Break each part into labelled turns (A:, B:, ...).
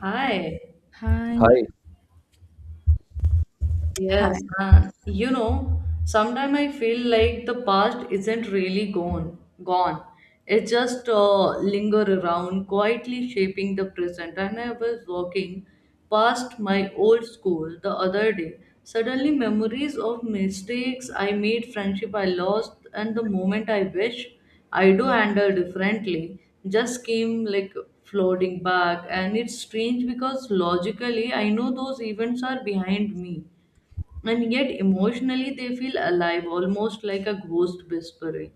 A: Hi.
B: Hi,
C: Hi,
B: hi.
A: Yes, and you know, sometimes I feel like the past isn't really gone. It just linger around, quietly shaping the present. And I was walking past my old school the other day. Suddenly, memories of mistakes I made, friendship I lost, and the moment I wish I do handle differently just came like floating back. And it's strange because logically, I know those events are behind me, and yet emotionally they feel alive, almost like a ghost whispering,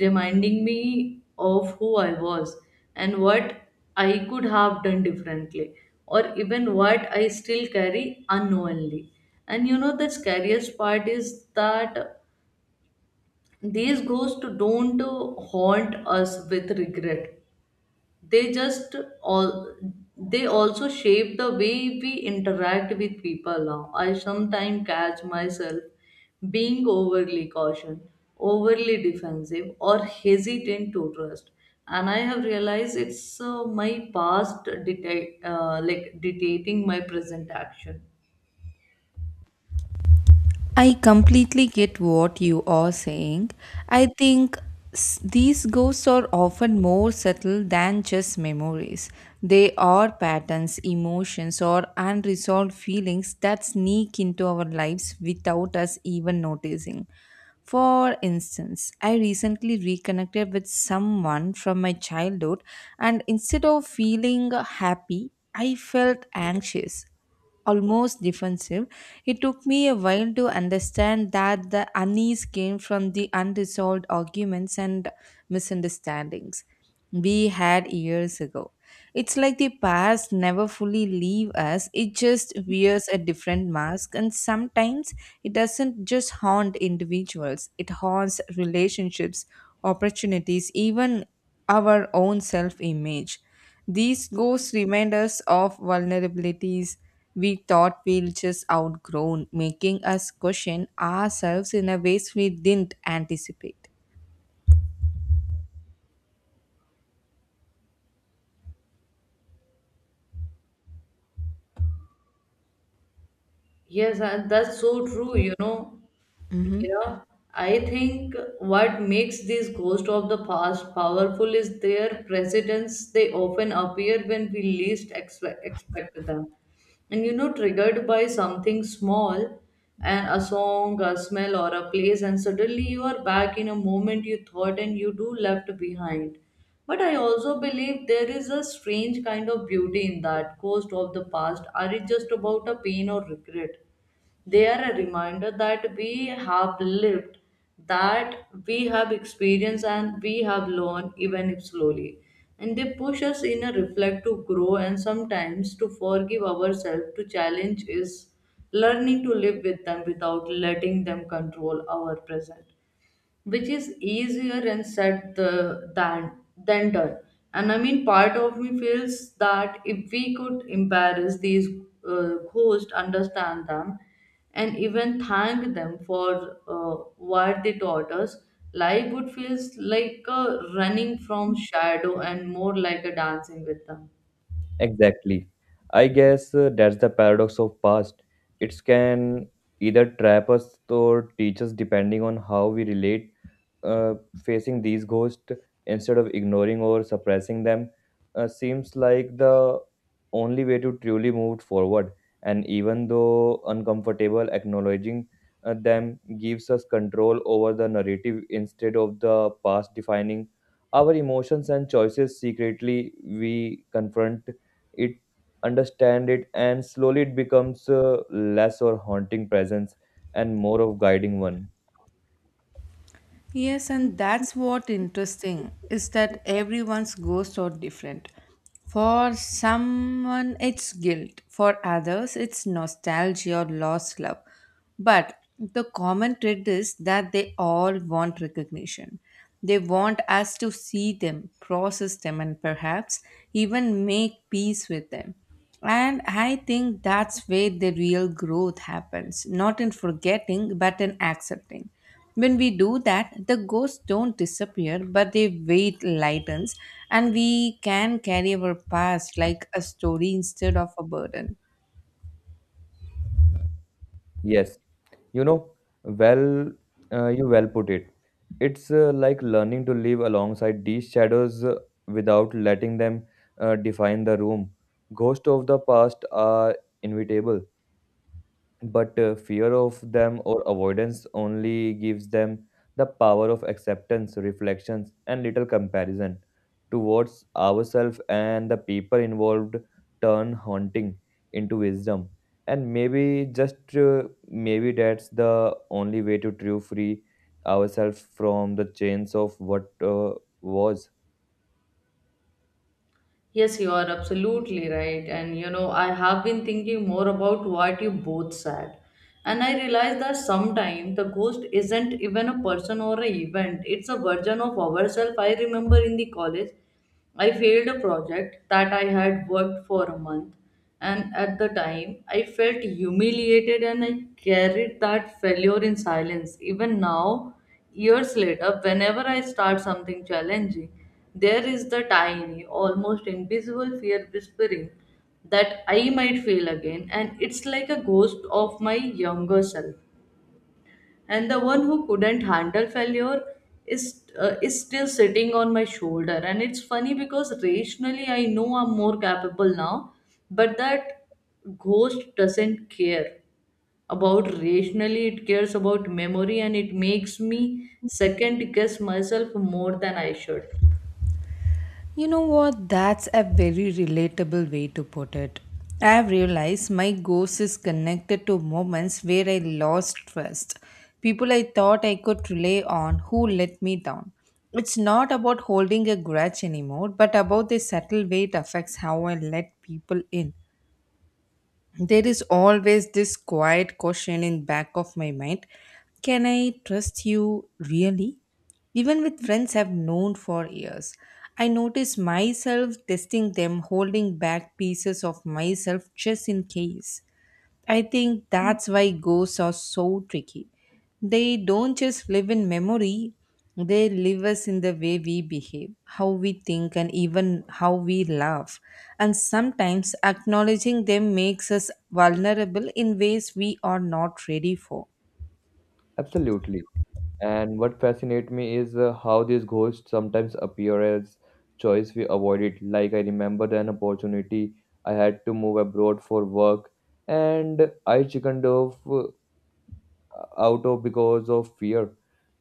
A: reminding me of who I was and what I could have done differently, or even what I still carry unknowingly. And you know, the scariest part is that these ghosts don't haunt us with regret, they just all, they also shape the way we interact with people now. I sometimes catch myself being overly cautious, overly defensive, or hesitant to trust. And I have realized it's my past dictate, like dictating my present action.
B: I completely get what you are saying. I think these ghosts are often more subtle than just memories. They are patterns, emotions, or unresolved feelings that sneak into our lives without us even noticing. For instance, I recently reconnected with someone from my childhood, and instead of feeling happy, I felt anxious, almost defensive. It took me a while to understand that the unease came from the unresolved arguments and misunderstandings we had years ago. It's like the past never fully leaves us, it just wears a different mask, and sometimes it doesn't just haunt individuals, it haunts relationships, opportunities, even our own self image. These ghosts remind us of vulnerabilities we thought we'd just outgrown, making us question ourselves in a ways we didn't anticipate.
A: Yes, and that's so true, you know,
B: Hmm.
A: Mira. I think what makes these ghosts of the past powerful is their presence. They often appear when we least expect them, and you know, triggered by something small, and a song, a smell, or a place, and suddenly you are back in a moment you thought and you do left behind. But I also believe there is a strange kind of beauty in that ghost of the past are it just about a pain or regret. They are a reminder that we have lived, that we have experienced, and we have learned, even if slowly. And they push us in a reflect to grow and sometimes to forgive ourselves. To challenge is learning to live with them without letting them control our present, which is easier and said than done. And I mean, part of me feels that if we could embarrass these ghosts, understand them, and even thank them for what they taught us, life would feel like running from shadow and more like a dancing with them.
C: exactly. I guess that's the paradox of past. It can either trap us or teach us depending on how we relate, uh, facing these ghosts instead of ignoring or suppressing them, seems like the only way to truly move forward. And even though uncomfortable, acknowledging them gives us control over the narrative instead of the past defining our emotions and choices secretly. We confront it, understand it, and slowly it becomes less or haunting presence and more of guiding one.
B: Yes, and that's what interesting is that everyone's ghosts are different. For someone, it's guilt. For others, it's nostalgia or lost love. But the common thread is that they all want recognition. They want us to see them, process them, and perhaps even make peace with them. And I think that's where the real growth happens, not in forgetting, but in accepting. When we do that, the ghosts don't disappear, but their weight lightens, and we can carry our past like a story instead of a burden.
C: Yes. You know, well, you well put it. It's like learning to live alongside these shadows without letting them define the room. Ghosts of the past are inevitable but fear of them or avoidance only gives them the power of acceptance, reflections, and little comparison towards ourselves and the people involved turn haunting into wisdom. And maybe just maybe that's the only way to true free ourselves from the chains of what was.
A: Yes, you are absolutely right. And you know, I have been thinking more about what you both said. And I realized that sometimes the ghost isn't even a person or an event, it's a version of ourselves. I remember in the college, I failed a project that I had worked for a month, and at the time, I felt humiliated, and I carried that failure in silence. Even now, years later, whenever I start something challenging, there is the tiny, almost invisible fear whispering that I might fail again, and it's like a ghost of my younger self, and the one who couldn't handle failure is still sitting on my shoulder. And it's funny because rationally I know I'm more capable now, but that ghost doesn't care about rationally, it cares about memory, and it makes me second guess myself more than I should.
B: You know what? That's a very relatable way to put it. I have realized my ghost is connected to moments where I lost trust, people I thought I could rely on who let me down. It's not about holding a grudge anymore, but about the subtle way it affects how I let people in. There is always this quiet question in back of my mind, can I trust you, really, even with friends I've known for years. I notice myself testing them, holding back pieces of myself just in case. I think that's why ghosts are so tricky. They don't just live in memory, they live us in the way we behave, how we think, and even how we laugh. And sometimes acknowledging them makes us vulnerable in ways we are not ready for.
C: Absolutely. And what fascinates me is how these ghosts sometimes appear as choice we avoided. Like I remember an opportunity I had to move abroad for work, and I chickened off out of because of fear,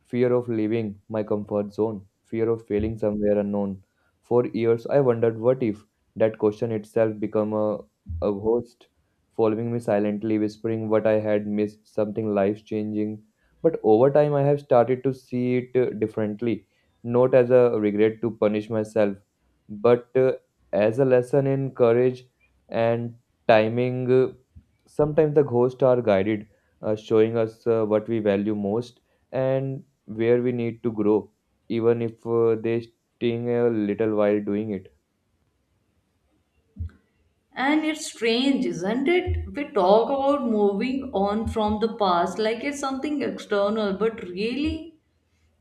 C: fear of leaving my comfort zone, fear of failing somewhere unknown. For years, I wondered what if that question itself became a ghost, following me silently, whispering what I had missed, something life changing. But over time, I have started to see it differently, not as a regret to punish myself, but as a lesson in courage and timing. Sometimes the ghosts are guided, showing us what we value most and where we need to grow, even if they sting a little while doing it.
A: And it's strange, isn't it? We talk about moving on from the past like it's something external, but really,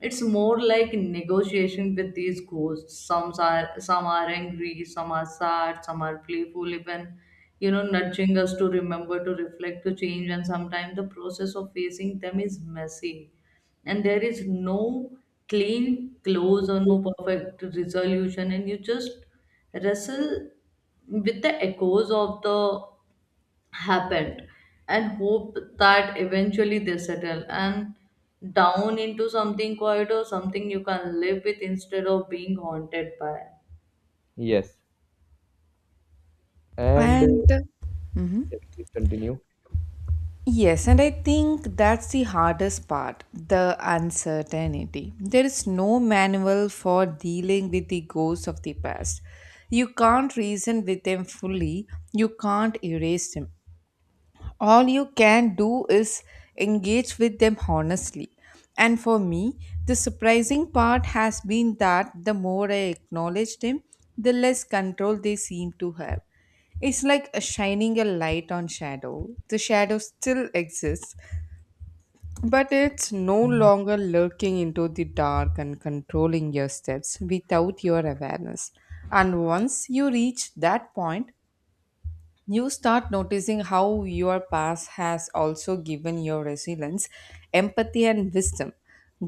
A: it's more like negotiation with these ghosts. Some are angry, some are sad, some are playful, even you know, nudging us to remember, to reflect, to change. And sometimes the process of facing them is messy, and there is no clean close or no perfect resolution, and you just wrestle with the echoes of the happened, and hope that eventually they settle and down into something quiet or something you can live with instead of being haunted by.
C: Yes, and
B: And
C: yes, please continue.
B: yes, and I think that's the hardest part, the uncertainty. There is no manual for dealing with the ghosts of the past. You can't reason with them fully, you can't erase them. All you can do is engage with them honestly. And for me, the surprising part has been that the more I acknowledge them, the less control they seem to have. It's like a shining a light on shadow. The shadow still exists, but it's no longer lurking into the dark and controlling your steps without your awareness. And once you reach that point, you start noticing how your past has also given your resilience, empathy, and wisdom.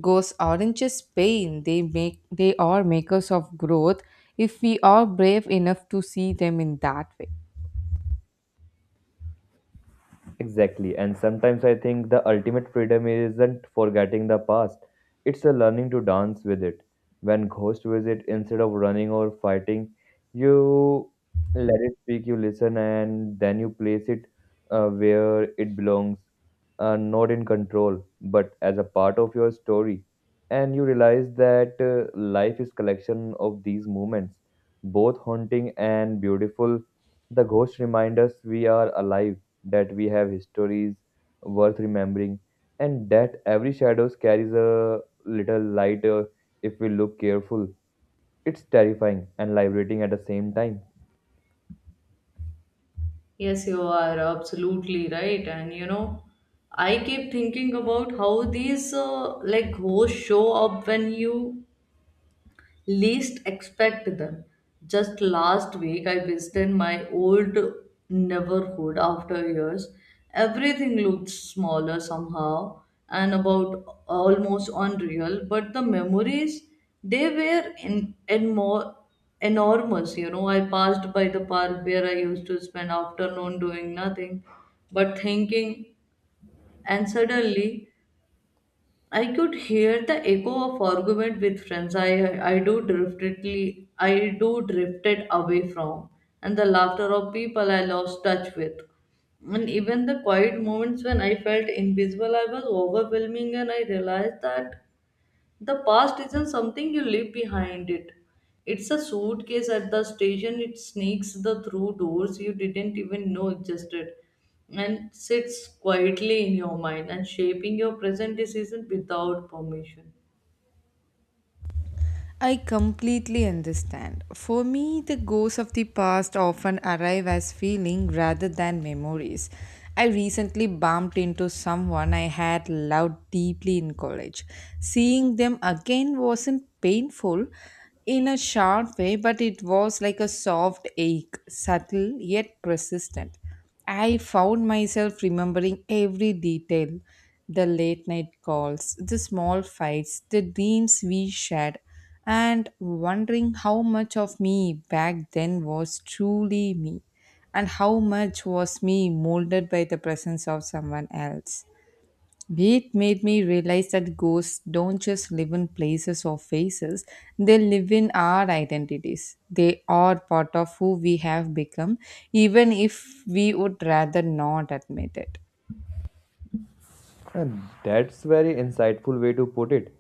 B: Ghosts aren't just pain, they make they are makers of growth if we are brave enough to see them in that way.
C: Exactly. And sometimes I think the ultimate freedom isn't forgetting the past, it's a learning to dance with it. When ghosts visit, instead of running or fighting, you let it speak, you listen, and then you place it where it belongs, not in control, but as a part of your story. And you realize that life is collection of these moments, both haunting and beautiful. The ghosts remind us we are alive, that we have histories worth remembering, and that every shadow carries a little light if we look careful. It's terrifying and liberating at the same time.
A: Yes, you are absolutely right. And you know, I keep thinking about how these like ghosts show up when you least expect them. Just last week, I visited my old neighborhood after years. Everything looked smaller somehow and about almost unreal, but the memories they were in more enormous. You know, I passed by the park where I used to spend afternoon doing nothing but thinking, and suddenly I could hear the echo of argument with friends I do drifted away from, and the laughter of people I lost touch with. And even the quiet moments when I felt invisible I was overwhelming, and I realized that the past isn't something you leave behind it. It's a suitcase at the station. It sneaks the through doors you didn't even know existed, and sits quietly in your mind and shaping your present decision without permission.
B: I completely understand. For me, the ghosts of the past often arrive as feeling rather than memories. I recently bumped into someone I had loved deeply in college. Seeing them again wasn't painful in a sharp way, but it was like a soft ache, subtle yet persistent. I found myself remembering every detail, the late night calls, the small fights, the dreams we shared, and wondering how much of me back then was truly me and how much was me molded by the presence of someone else. It made me realize that ghosts don't just live in places or faces, they live in our identities. They are part of who we have become, even if we would rather not admit it.
C: And that's very insightful way to put it.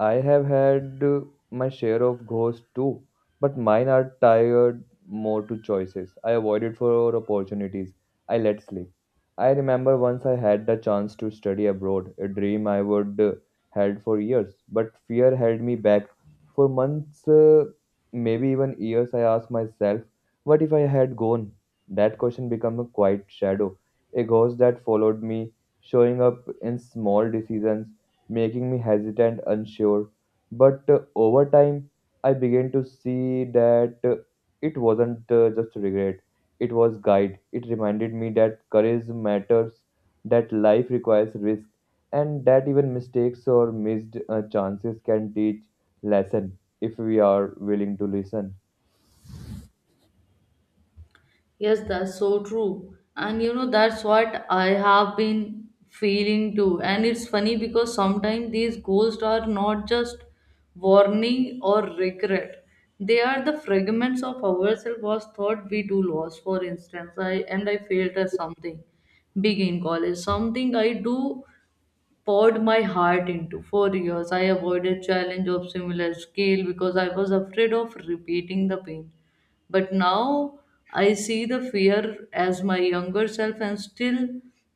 C: I have had my share of ghosts too, but mine are tired more to choices. I avoided for opportunities. I let slip. I remember once I had the chance to study abroad, a dream I would had for years, but fear held me back. For months, maybe even years, I asked myself, what if I had gone? That question became a quiet shadow, a ghost that followed me, showing up in small decisions making me hesitant, unsure. But over time, I began to see that it wasn't just regret, it was guide. It reminded me that courage matters, that life requires risk, and that even mistakes or missed chances can teach lesson if we are willing to listen.
A: Yes, that's so true. And you know, that's what I have been feeling too. And it's funny because sometimes these ghosts are not just warning or regret. They are the fragments of ourselves was thought we do lost. For instance, I failed at something big in college. Something I do poured my heart into. For years, I avoided challenge of similar scale because I was afraid of repeating the pain. But now I see the fear as my younger self and still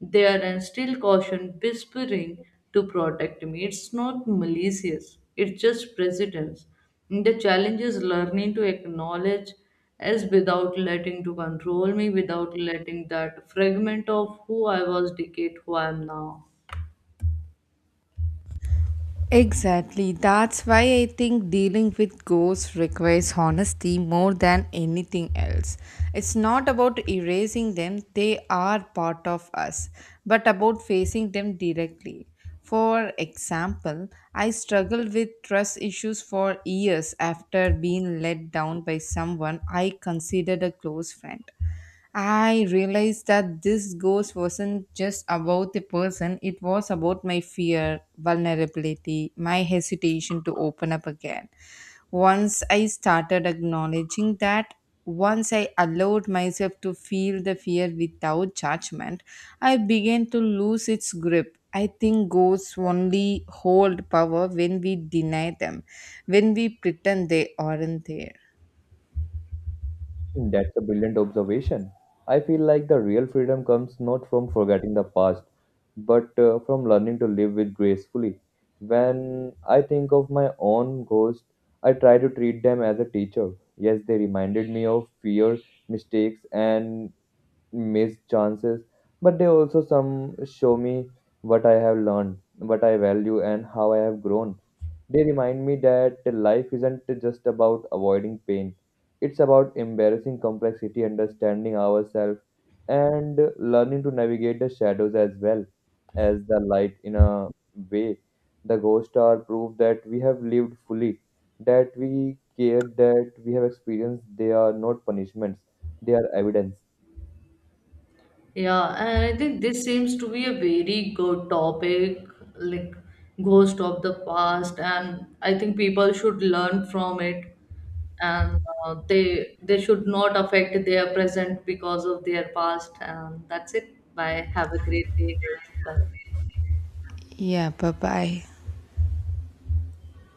A: there, and still caution whispering to protect me. It's not malicious, it's just precedence. The challenge is learning to acknowledge as without letting to control me, without letting that fragment of who I was dictate who I am now.
B: Exactly. That's why I think dealing with ghosts requires honesty more than anything else. It's not about erasing them, they are part of us, but about facing them directly. For example, I struggled with trust issues for years after being let down by someone I considered a close friend. I realized that this ghost wasn't just about the person, it was about my fear, vulnerability, my hesitation to open up again. Once I started acknowledging that, once I allowed myself to feel the fear without judgment, I began to lose its grip. I think ghosts only hold power when we deny them, when we pretend they aren't there.
C: That's a brilliant observation. I feel like the real freedom comes not from forgetting the past, but from learning to live with gracefully. When I think of my own ghost, I try to treat them as a teacher. Yes, they reminded me of fear, mistakes, and missed chances, but they also some show me what I have learned, what I value, and how I have grown. They remind me that life isn't just about avoiding pain, it's about embracing complexity, understanding ourselves, and learning to navigate the shadows as well as the light in a way. The ghosts are proof that we have lived fully, that we cared, that we have experienced. They are not punishments, they are evidence.
A: Yeah, and I think this seems to be a very good topic, like ghost of the past, and I think people should learn from it, and they should not affect their present because of their past. And that's it. Bye. Have a great day, guys. Bye.
B: Yeah, bye bye.